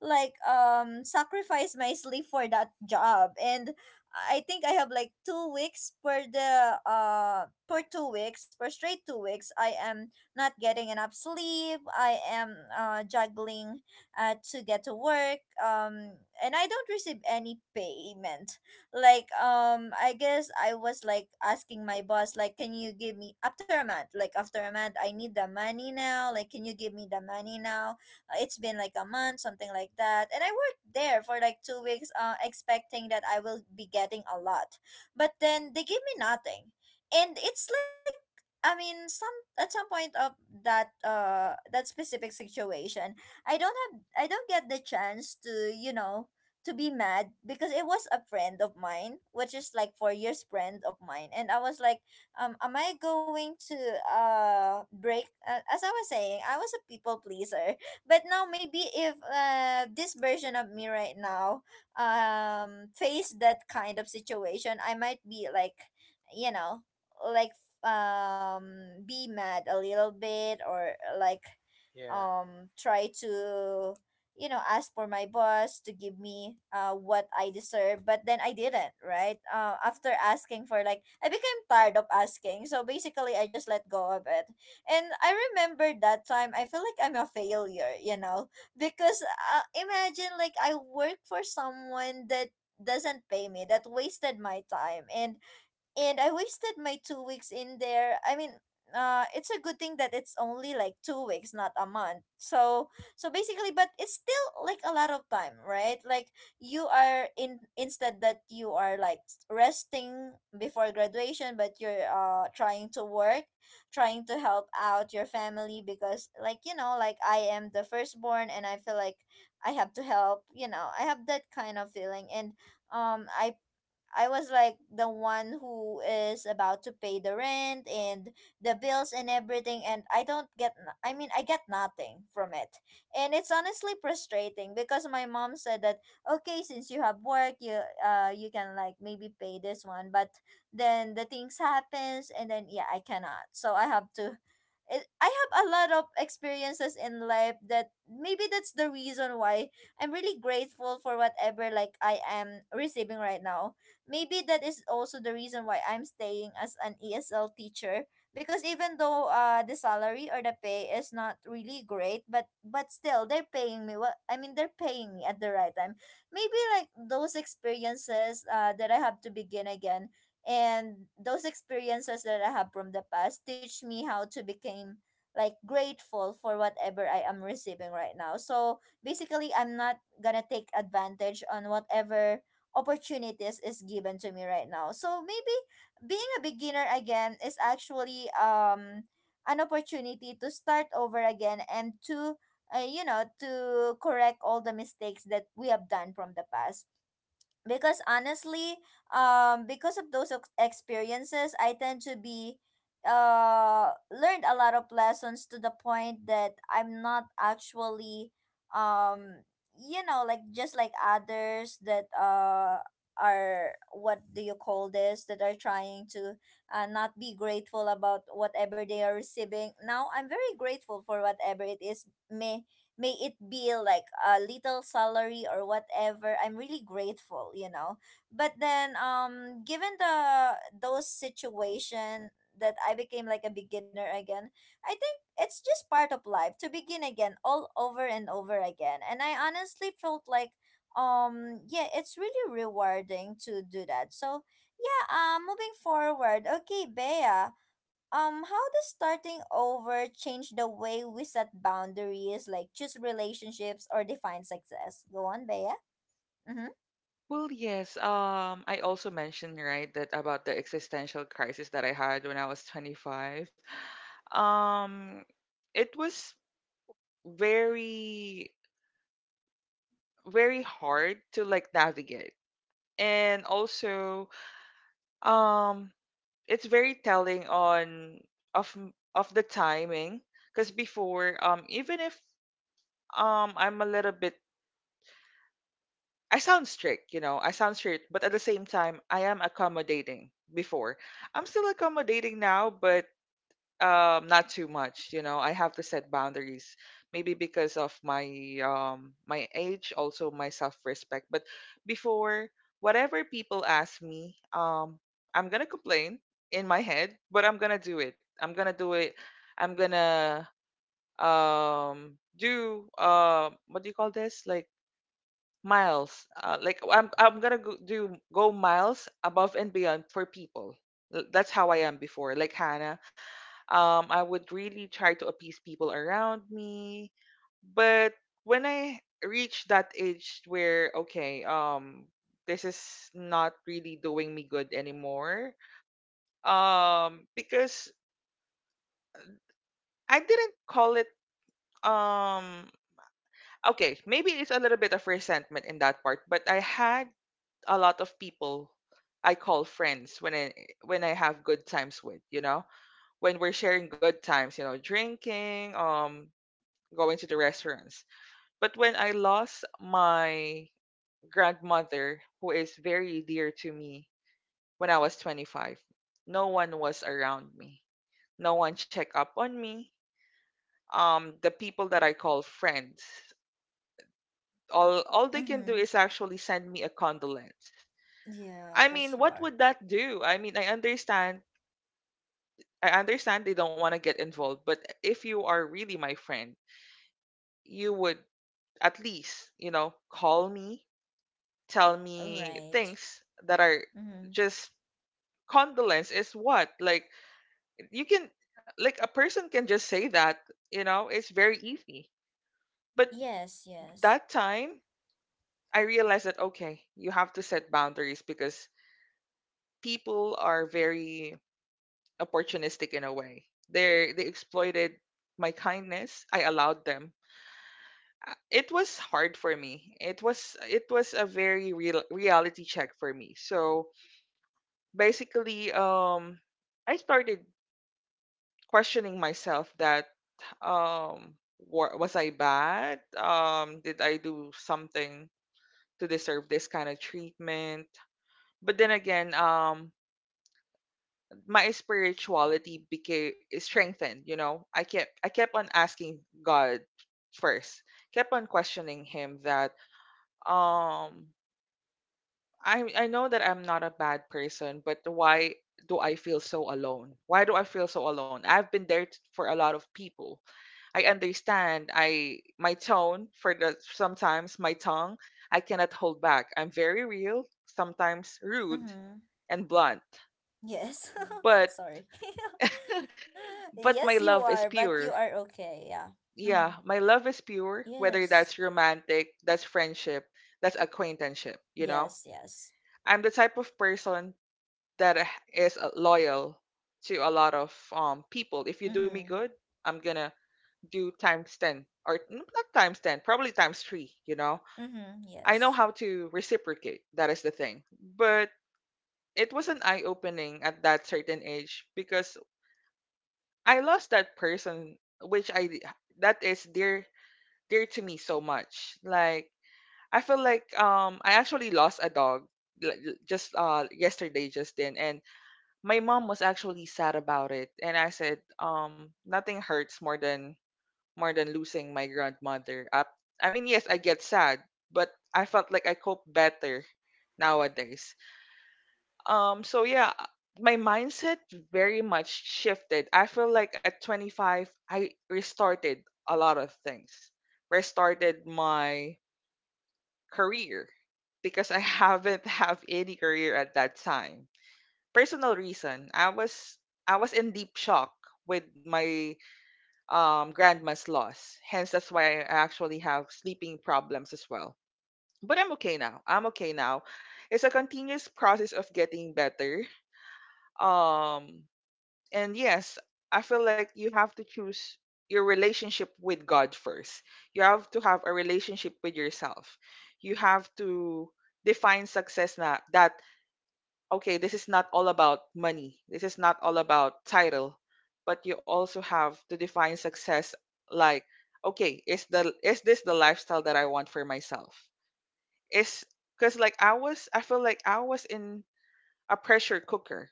Speaker 1: like sacrifice my sleep for that job. And I think I have like 2 weeks per straight 2 weeks. I am not getting enough sleep. I am juggling to get to work. And I don't receive any payment. Like I guess I was like asking my boss like, can you give me after a month? Like after a month, I need the money now. Like, can you give me the money now? It's been like a month, something like that. And I worked there for like 2 weeks, expecting that I will be getting a lot. But then they give me nothing. And it's like, I mean, some at some point of that that specific situation, I don't get the chance to, you know, to be mad, because it was a friend of mine, which is like 4 years friend of mine. And I was like, am I going to break? As I was saying, I was a people pleaser, but now maybe if this version of me right now face that kind of situation, I might be like, you know, like be mad a little bit, or like
Speaker 3: Yeah.
Speaker 1: try to, you know, ask for my boss to give me what I deserve. But then I didn't, right? Uh, after asking for, like, I became tired of asking, so basically I just let go of it. And I remember that time, I feel like I'm a failure, you know, because imagine like I work for someone that doesn't pay me, that wasted my time. And I wasted my 2 weeks in there. I mean, it's a good thing that it's only like 2 weeks, not a month. So, so basically, but it's still like a lot of time, right? Like you are in, instead that you are like resting before graduation, but you're trying to work, trying to help out your family, because like you know, like I am the firstborn, and I feel like I have to help. You know, I have that kind of feeling. And um, I I was like the one who is about to pay the rent and the bills and everything, and I don't get I mean I get nothing from it. And it's honestly frustrating because my mom said that okay, since you have work, you can like maybe pay this one. But then the things happens, and then yeah, I cannot. So I have to I have a lot of experiences in life that maybe that's the reason why I'm really grateful for whatever like I am receiving right now. Maybe that is also the reason why I'm staying as an ESL teacher, because even though the salary or the pay is not really great, but still they're paying me what, I mean they're paying me at the right time. Maybe like those experiences that I have to begin again, and those experiences that I have from the past teach me how to become like grateful for whatever I am receiving right now. So basically I'm not gonna take advantage on whatever opportunities is given to me right now. So maybe being a beginner again is actually an opportunity to start over again, and to you know, to correct all the mistakes that we have done from the past, because honestly because of those experiences, I tend to be learned a lot of lessons, to the point that I'm not actually um you know, like just like others that are, what do you call this, that are trying to not be grateful about whatever they are receiving now. I'm very grateful for whatever it is, may may it be like a little salary or whatever, I'm really grateful, you know. But then given the those situation that I became like a beginner again, I think it's just part of life to begin again all over and over again. And I honestly felt like yeah, it's really rewarding to do that. So yeah, moving forward. Okay, Bea, how does starting over change the way we set boundaries, like choose relationships or define success? Go on, Bea. Mm-hmm.
Speaker 2: Well, yes. I also mentioned, right, that about the existential crisis that I had when I was 25. Um, it was very very hard to like navigate, and also, um, it's very telling on of the timing because before, even if I'm a little bit, I sound strict, you know. I sound strict, but at the same time I am accommodating before. I'm still accommodating now, but not too much, you know. I have to set boundaries maybe because of my my age, also my self-respect. But before, whatever people ask me, I'm going to complain in my head, but I'm going to do it. I'm going to do it. I'm going to do what do you call this? Like miles, like I'm gonna go miles above and beyond for people. That's how I am before, like Hannah. I would really try to appease people around me. But when I reached that age where, okay, this is not really doing me good anymore, because I didn't call it um okay, maybe it's a little bit of resentment in that part, but I had a lot of people I call friends when I have good times with, you know? When we're sharing good times, you know, drinking, going to the restaurants. But when I lost my grandmother, who is very dear to me, when I was 25, no one was around me. No one checked up on me. The people that I call friends, all they can do
Speaker 1: Mm-hmm.
Speaker 2: is actually send me a condolence.
Speaker 1: Yeah,
Speaker 2: I
Speaker 1: that's
Speaker 2: mean, what
Speaker 1: hard.
Speaker 2: would that do? I mean, I understand they don't want to get involved, but if you are really my friend, you would at least, you know, call me, tell me
Speaker 1: Right.
Speaker 2: things that are
Speaker 1: Mm-hmm.
Speaker 2: just. Condolence is what? Like you can, like a person can just say that, you know, it's very easy. But
Speaker 1: Yes, yes.
Speaker 2: that time I realized that, okay, you have to set boundaries because people are very opportunistic in a way. They exploited my kindness. I allowed them. It was hard for me. It was a very real reality check for me. So basically, I started questioning myself that was I bad? Did I do something to deserve this kind of treatment? But then again, my spirituality became strengthened. You know, I kept on asking God first, kept on questioning Him that um I know that I'm not a bad person, but why do I feel so alone? Why do I feel so alone? I've been there for a lot of people. I understand. I my tone for the sometimes my tongue I cannot hold back. I'm very real, sometimes rude
Speaker 1: Mm-hmm.
Speaker 2: and blunt.
Speaker 1: Yes.
Speaker 2: But
Speaker 1: Sorry.
Speaker 2: but my
Speaker 1: Yes, you
Speaker 2: love is
Speaker 1: are, but you
Speaker 2: pure.
Speaker 1: are okay. Yeah. Mm-hmm.
Speaker 2: Yeah, my love is pure. Whether
Speaker 1: Yes.
Speaker 2: that's romantic, that's friendship, that's acquaintanceship. You know,
Speaker 1: Yes, yes.
Speaker 2: I'm the type of person that is loyal to a lot of people. If you do
Speaker 1: Mm-hmm.
Speaker 2: me good, I'm gonna do times 10 or not times 10, probably times three. You know,
Speaker 1: Mm-hmm.
Speaker 2: I know
Speaker 1: Yes.
Speaker 2: how to reciprocate. That is the thing. But it was an eye opening at that certain age because I lost that person, which I that is dear to me so much. Like I feel like I actually lost a dog, like, just yesterday, Justin, and my mom was actually sad about it, and I said nothing hurts more than losing my grandmother up. I mean, yes, I get sad, but I felt like I cope better nowadays. So yeah, my mindset very much shifted. I feel like at 25 I restarted a lot of things, restarted my career because I haven't have any career at that time. Personal reason, I was in deep shock with my grandma's loss. Hence, that's why I actually have sleeping problems as well. But I'm okay now. I'm okay now. It's a continuous process of getting better. Um, and yes, I feel like you have to choose your relationship with God first. You have to have a relationship with yourself. You have to define success na that, okay, this is not all about money. This is not all about title, but you also have to define success, like, okay, is this the lifestyle that I want for myself? Is Because, like, I feel like I was in a pressure cooker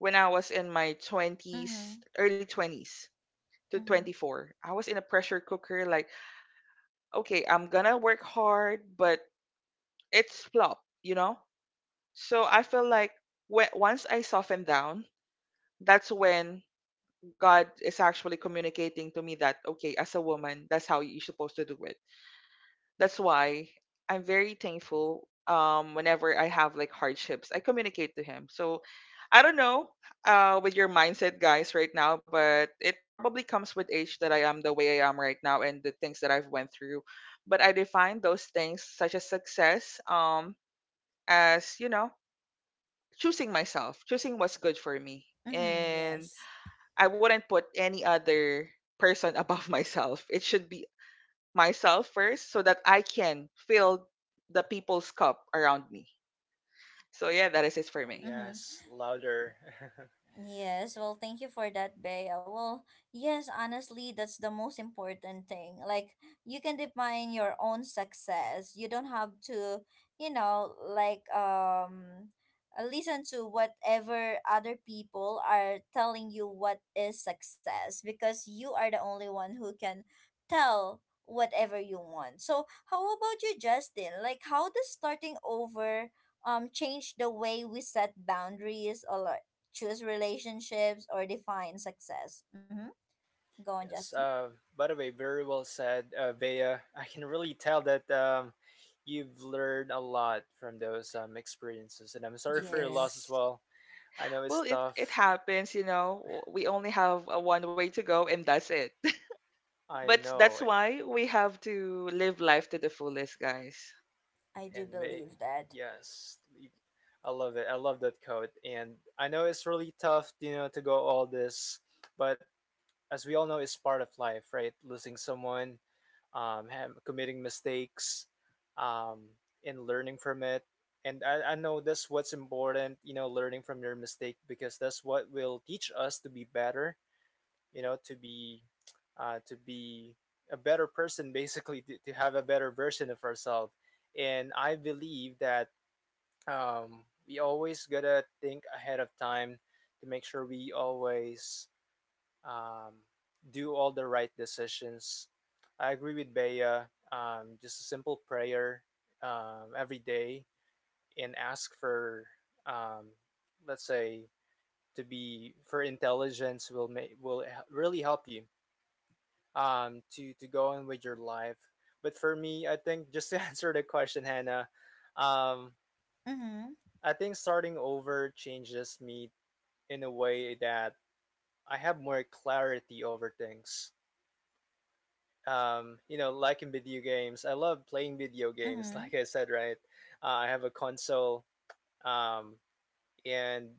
Speaker 2: when I was in my 20s,
Speaker 1: Mm-hmm.
Speaker 2: early 20s to
Speaker 1: Mm-hmm.
Speaker 2: 24. I was in a pressure cooker, like, okay, I'm gonna work hard, but it's flop, you know. So I feel like once I soften down, that's when God is actually communicating to me that, okay, as a woman, that's how you're supposed to do it. That's why I'm very thankful, whenever I have like hardships, I communicate to Him. So I don't know with your mindset, guys, right now, but it probably comes with age that I am the way I am right now and the things that I've went through. But I define those things, such as success, as, choosing myself, choosing what's good for me.
Speaker 1: Mm-hmm.
Speaker 2: And
Speaker 1: Yes.
Speaker 2: I wouldn't put any other person above myself. It should be myself first so that I can fill the people's cup around me. So yeah, that is it for
Speaker 3: Oh
Speaker 2: me.
Speaker 1: Mm-hmm.
Speaker 3: yes, louder.
Speaker 1: Yes, well, thank you for that, Bea. Well, yes, honestly, that's the most important thing. Like, you can define your own success. You don't have to, you know, like, listen to whatever other people are telling you what is success, because you are the only one who can tell whatever you want. So, how about you, Justin? Like, how does starting over change the way we set boundaries, or choose relationships, or define success? Mm-hmm. Go on,
Speaker 3: Yes.
Speaker 1: Justin.
Speaker 3: By the way, very well said, Bea. I can really tell that you've learned a lot from those experiences, and I'm sorry for your loss as
Speaker 1: Yes,
Speaker 2: Yes.
Speaker 3: well. I know it's
Speaker 2: Well, it
Speaker 3: tough,
Speaker 2: happens, you know. We only have a one way to go, and that's it.
Speaker 3: I
Speaker 2: But that's
Speaker 3: know,
Speaker 2: why we have to live life to the fullest, guys.
Speaker 1: I do
Speaker 3: and may
Speaker 1: believe that.
Speaker 3: yes, I love it. I love that code, and I know it's really tough, you know, to go all this, but as we all know, it's part of life, right? Losing someone, committing mistakes, um, and learning from it. And I know that's what's important, you know, learning from your mistake because that's what will teach us to be better, you know, to be to be a better person, basically to have a better version of ourselves. And I believe that we always gotta think ahead of time to make sure we always um, do all the right decisions. I agree with Bea, just a simple prayer every day, and ask for um, let's say to be for intelligence will make will really help you to go on with your life. But for me, I think just to answer the question, Hannah, um
Speaker 1: Mm-hmm.
Speaker 3: I think starting over changes me in a way that I have more clarity over things. You know, like in video games, I love playing video games.
Speaker 1: Mm-hmm.
Speaker 3: Like I said, right? I have a console um and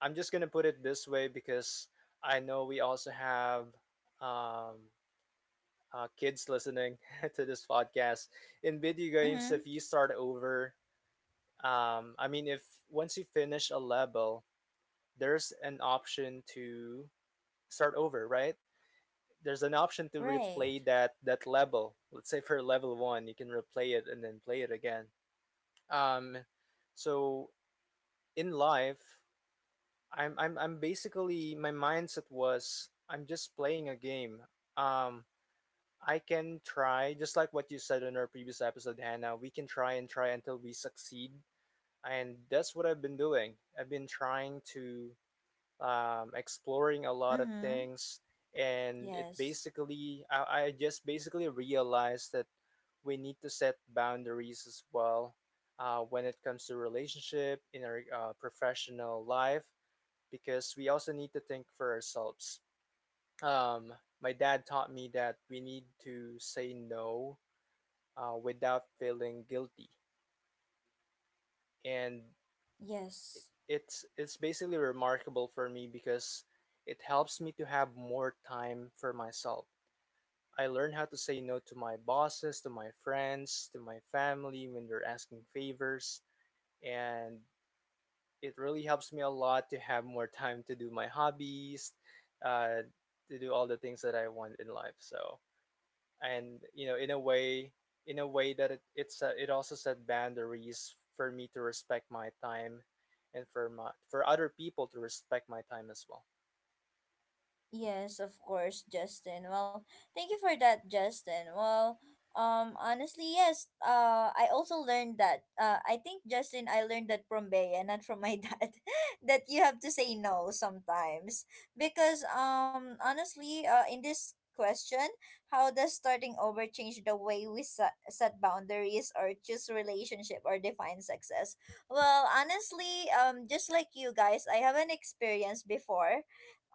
Speaker 3: I'm just gonna put it this way, because I know we also have um kids listening to this podcast. In video games, if
Speaker 1: Mm-hmm.
Speaker 3: you start over, if once you finish a level, there's an option to start over, right? There's an option to
Speaker 1: Right.
Speaker 3: replay that level. Let's say for level one, you can replay it and then play it again. Um, so in life, I'm basically my mindset was I'm just playing a game. Um, I can try, just like what you said in our previous episode, Hannah, we can try and try until we succeed. And that's what I've been doing. I've been trying to exploring a lot of
Speaker 1: Mm-hmm.
Speaker 3: things. And it
Speaker 1: Yes.
Speaker 3: basically, I just basically realized that we need to set boundaries as well when it comes to relationship in our professional life, because we also need to think for ourselves. Um, my dad taught me that we need to say no without feeling guilty. And
Speaker 1: Yes.
Speaker 3: it's basically remarkable for me because it helps me to have more time for myself. I learn how to say no to my bosses, to my friends, to my family when they're asking favors, and it really helps me a lot to have more time to do my hobbies, uh, to do all the things that I want in life. So and you know in a way, in a way that it's it also set boundaries for me to respect my time and for my for other people to respect my time as well.
Speaker 1: Yes, of course, Justin. Well, thank you for that, Justin. Well, honestly, yes. I also learned that. I think, Justin, I learned that from Bea, not from my dad, that you have to say no sometimes because honestly, in this question, how does starting over change the way we set boundaries or choose relationship or define success? Well, honestly, just like you guys, I haven't experienced before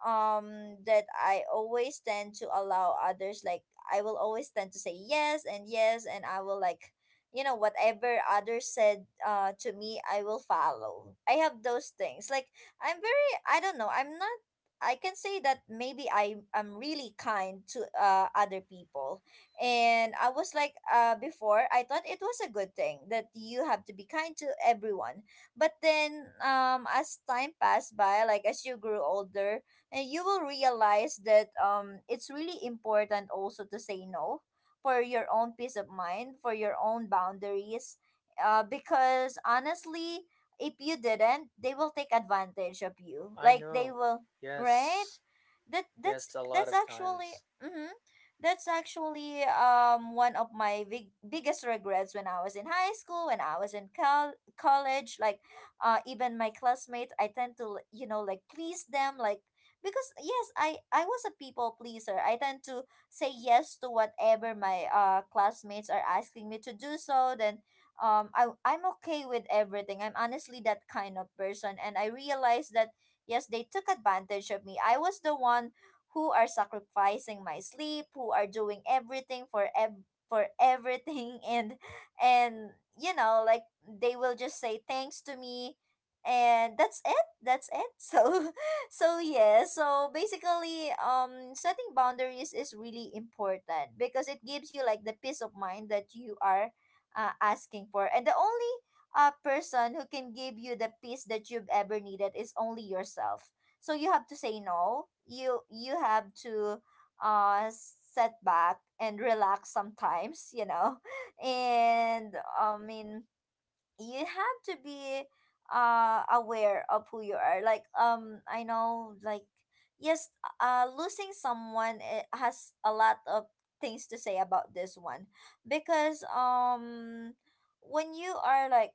Speaker 1: that I always tend to allow others, like I will always tend to say yes and yes, and I will, like, whatever others said to me I will follow. I have those things. Like, I'm very, I don't know, I'm not, I can say that maybe I am really kind to other people. And I was like, before I thought it was a good thing that you have to be kind to everyone. But then, as time passed by, like as you grew older, you will realize that it's really important also to say no for your own peace of mind, for your own boundaries. Because honestly, if you didn't, they will take advantage of you.
Speaker 3: I
Speaker 1: Like, they
Speaker 3: know,
Speaker 1: will, right?
Speaker 3: yes,
Speaker 1: That
Speaker 3: yes,
Speaker 1: that's
Speaker 3: a lot
Speaker 1: that's
Speaker 3: of times.
Speaker 1: actually, mm-hmm, that's actually one of my biggest regrets when I was in high school, when I was in college. Like, even my classmates, I tend to, you know, like, please them, like, because yes, I was a people pleaser. I tend to say yes to whatever my classmates are asking me to do, so then I'm okay with everything. I'm honestly that kind of person, and I realized that, yes, they took advantage of me. I was the one who are sacrificing my sleep, who are doing everything for for everything and like they will just say thanks to me, and that's it. So, so yeah, so basically, setting boundaries is really important because it gives you like the peace of mind that you are asking for. And the only person who can give you the peace that you've ever needed is only yourself. So you have to say no. You have to set back and relax sometimes, you know. And I mean, you have to be aware of who you are. Like, I know, like, yes, losing someone, it has a lot of things to say about this one, because when you are like,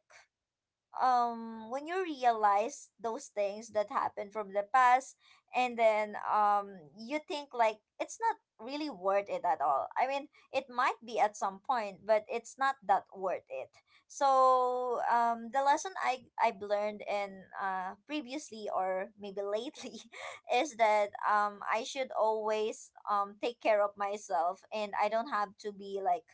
Speaker 1: when you realize those things that happened from the past, and then you think like it's not really worth it at all. I mean, it might be at some point, but it's not that worth it. So, the lesson I've learned in, previously or maybe lately is that I should always take care of myself, and I don't have to be like,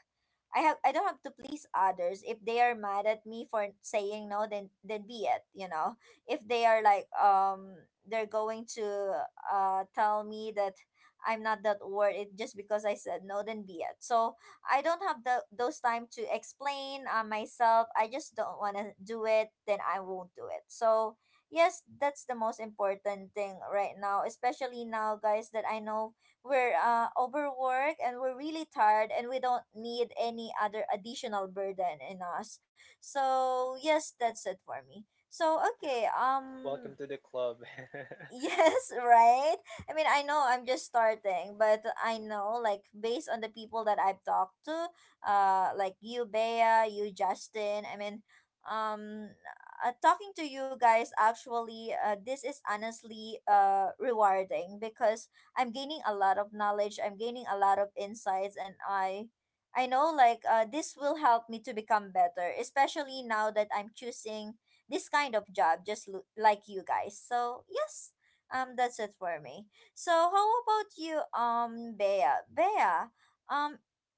Speaker 1: I don't have to please others. If they are mad at me for saying no, then be it, you know. If they are like, they're going to tell me that I'm not that worth it just because I said no, then be it. So I don't have the those time to explain, myself. I just don't wanna do it, then I won't do it. So yes, that's the most important thing right now, especially now, guys, that I know we're, overworked, and we're really tired, and we don't need any other additional burden in us. So yes, that's it for me. So
Speaker 3: Yeah,
Speaker 1: okay,
Speaker 3: welcome to the club.
Speaker 1: yes, right? I mean, I know I'm just starting, but I know, like, based on the people that I've talked to, like you, Bea, you, Justin, I mean, um, talking to you guys, actually, this is honestly rewarding because I'm gaining a lot of knowledge, I'm gaining a lot of insights, and I. I know, like, this will help me to become better, especially now that I'm choosing this kind of job, just like you guys. So, yes, that's it for me. So how about you, Bea? Bea, um,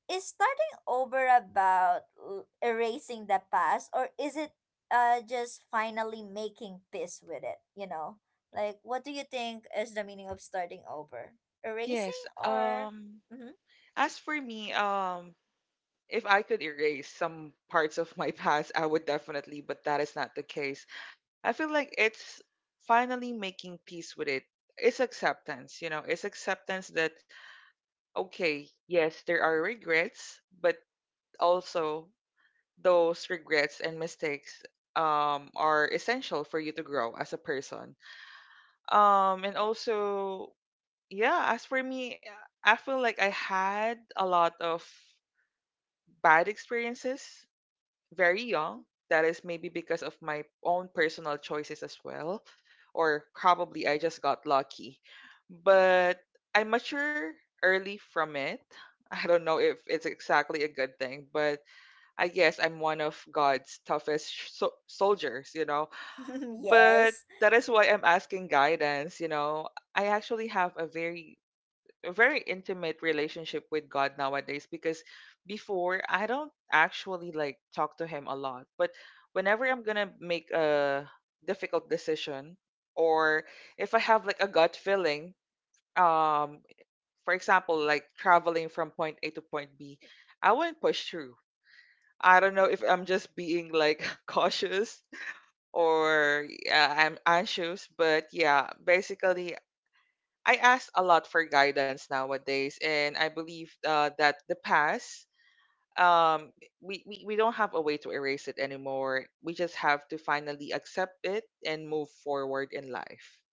Speaker 1: is starting over about erasing the past, or is it just finally making peace with it? You know, like, what do you think is the meaning of starting over? Erasing,
Speaker 2: Yes.
Speaker 1: or?
Speaker 2: As for me, if I could erase some parts of my past, I would definitely, but that is not the case. I feel like it's finally making peace with it. It's acceptance, you know, it's acceptance that, okay, yes, there are regrets, but also those regrets and mistakes are essential for you to grow as a person. And also, yeah, as for me, I feel like I had a lot of bad experiences very young. That is maybe because of my own personal choices as well, or probably I just got lucky. But I mature early from it. I don't know if it's exactly a good thing, but I guess I'm one of God's toughest soldiers, you know.
Speaker 1: Mm-hmm.
Speaker 2: But
Speaker 1: Yes.
Speaker 2: that is why I'm asking guidance, you know. I actually have a very intimate relationship with God nowadays because before I don't actually like talk to him a lot, but whenever I'm going to make a difficult decision or if I have like a gut feeling, um for example, like traveling from point A to point B, I wouldn't push through. I don't know if I'm just being like cautious or yeah, I'm anxious, but yeah, basically I ask a lot for guidance nowadays, and I believe that the past, um, we don't have a way to erase it anymore. We just have to finally accept it and move forward in life.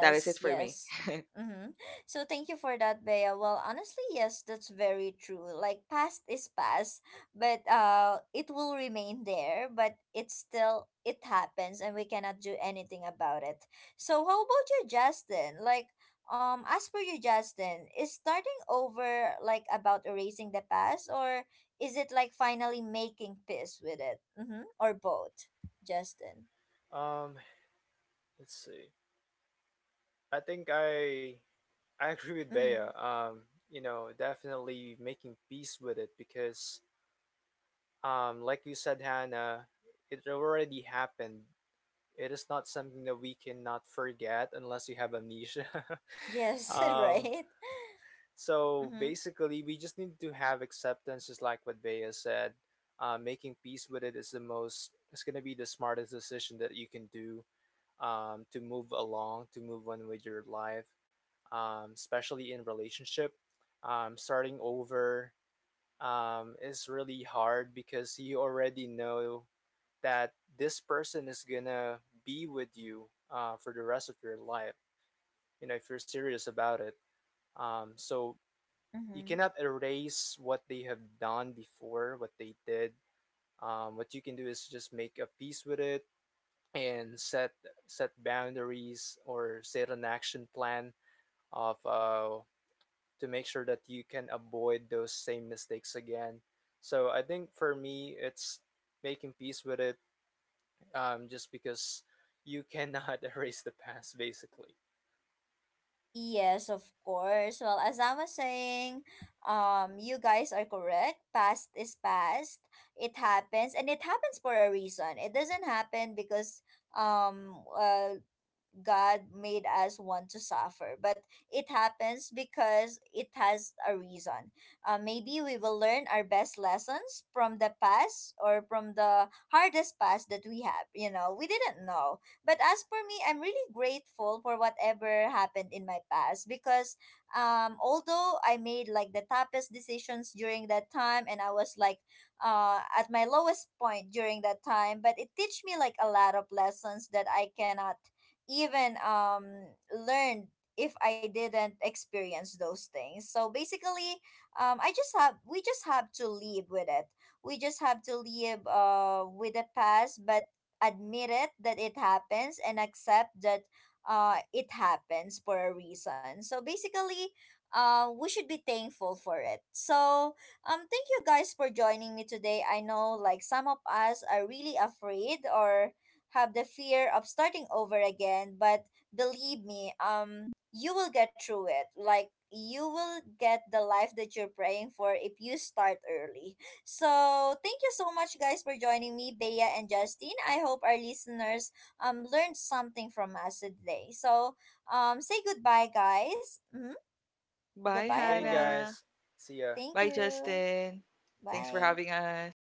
Speaker 2: That is it for me.
Speaker 1: yes. Mm-hmm. So thank you for that, Bea. Well, honestly, yes, that's very true. Like, past is past, but it will remain there, but it's still, it happens and we cannot do anything about it. So how about you, Justin? Like, as per you, Justin, is starting over like about erasing the past, or is it like finally making peace with it? Mm-hmm. Or both, Justin.
Speaker 3: um let's see. I think I agree with Bea.
Speaker 1: Mm-hmm.
Speaker 3: You know, definitely making peace with it because like you said, Hannah, it already happened. It is not something that we cannot forget unless you have amnesia.
Speaker 1: Yes,
Speaker 3: um,
Speaker 1: right.
Speaker 3: so
Speaker 1: Mhm.
Speaker 3: basically, we just need to have acceptance, just like what Bea said. Making peace with it is it's going to be the smartest decision that you can do to move along, to move on with your life, especially in relationship. Starting over is really hard because you already know that this person is gonna be with you for the rest of your life, you know, if you're serious about it. So you
Speaker 1: Mm-hmm.
Speaker 3: cannot erase what they have done before, what they did. What you can do is just make a peace with it, and set boundaries or set an action plan of to make sure that you can avoid those same mistakes again. So I think for me it's making peace with it, just because you cannot erase the past, basically.
Speaker 1: Yes, of course. Well, as I was saying, you guys are correct. Past is past. It happens, and it happens for a reason. It doesn't happen because um, uh, God made us want to suffer, but it happens because it has a reason. Maybe we will learn our best lessons from the past or from the hardest past that we have. You know, we didn't know. But as for me, I'm really grateful for whatever happened in my past because although I made like the toughest decisions during that time, and I was like at my lowest point during that time, but it teach me like a lot of lessons that I cannot even learned if I didn't experience those things. So basically, I just have we just have to live with it. We just have to live with the past, but admit it that it happens, and accept that it happens for a reason. So basically, we should be thankful for it. So, thank you guys for joining me today. I know, like, some of us are really afraid or have the fear of starting over again, but believe me, you will get through it. Like, you will get the life that you're praying for if you start early. So, thank you so much guys for joining me, Bea and Justine. I hope our listeners learned something from us today. So, say goodbye, guys. Mhm.
Speaker 2: Bye,
Speaker 1: Goodbye,
Speaker 3: Thank you
Speaker 1: everyone.
Speaker 2: Hannah.
Speaker 3: guys. See ya.
Speaker 1: Thank
Speaker 2: Bye,
Speaker 1: you.
Speaker 2: Justin. Thanks for
Speaker 1: Bye.
Speaker 2: having us.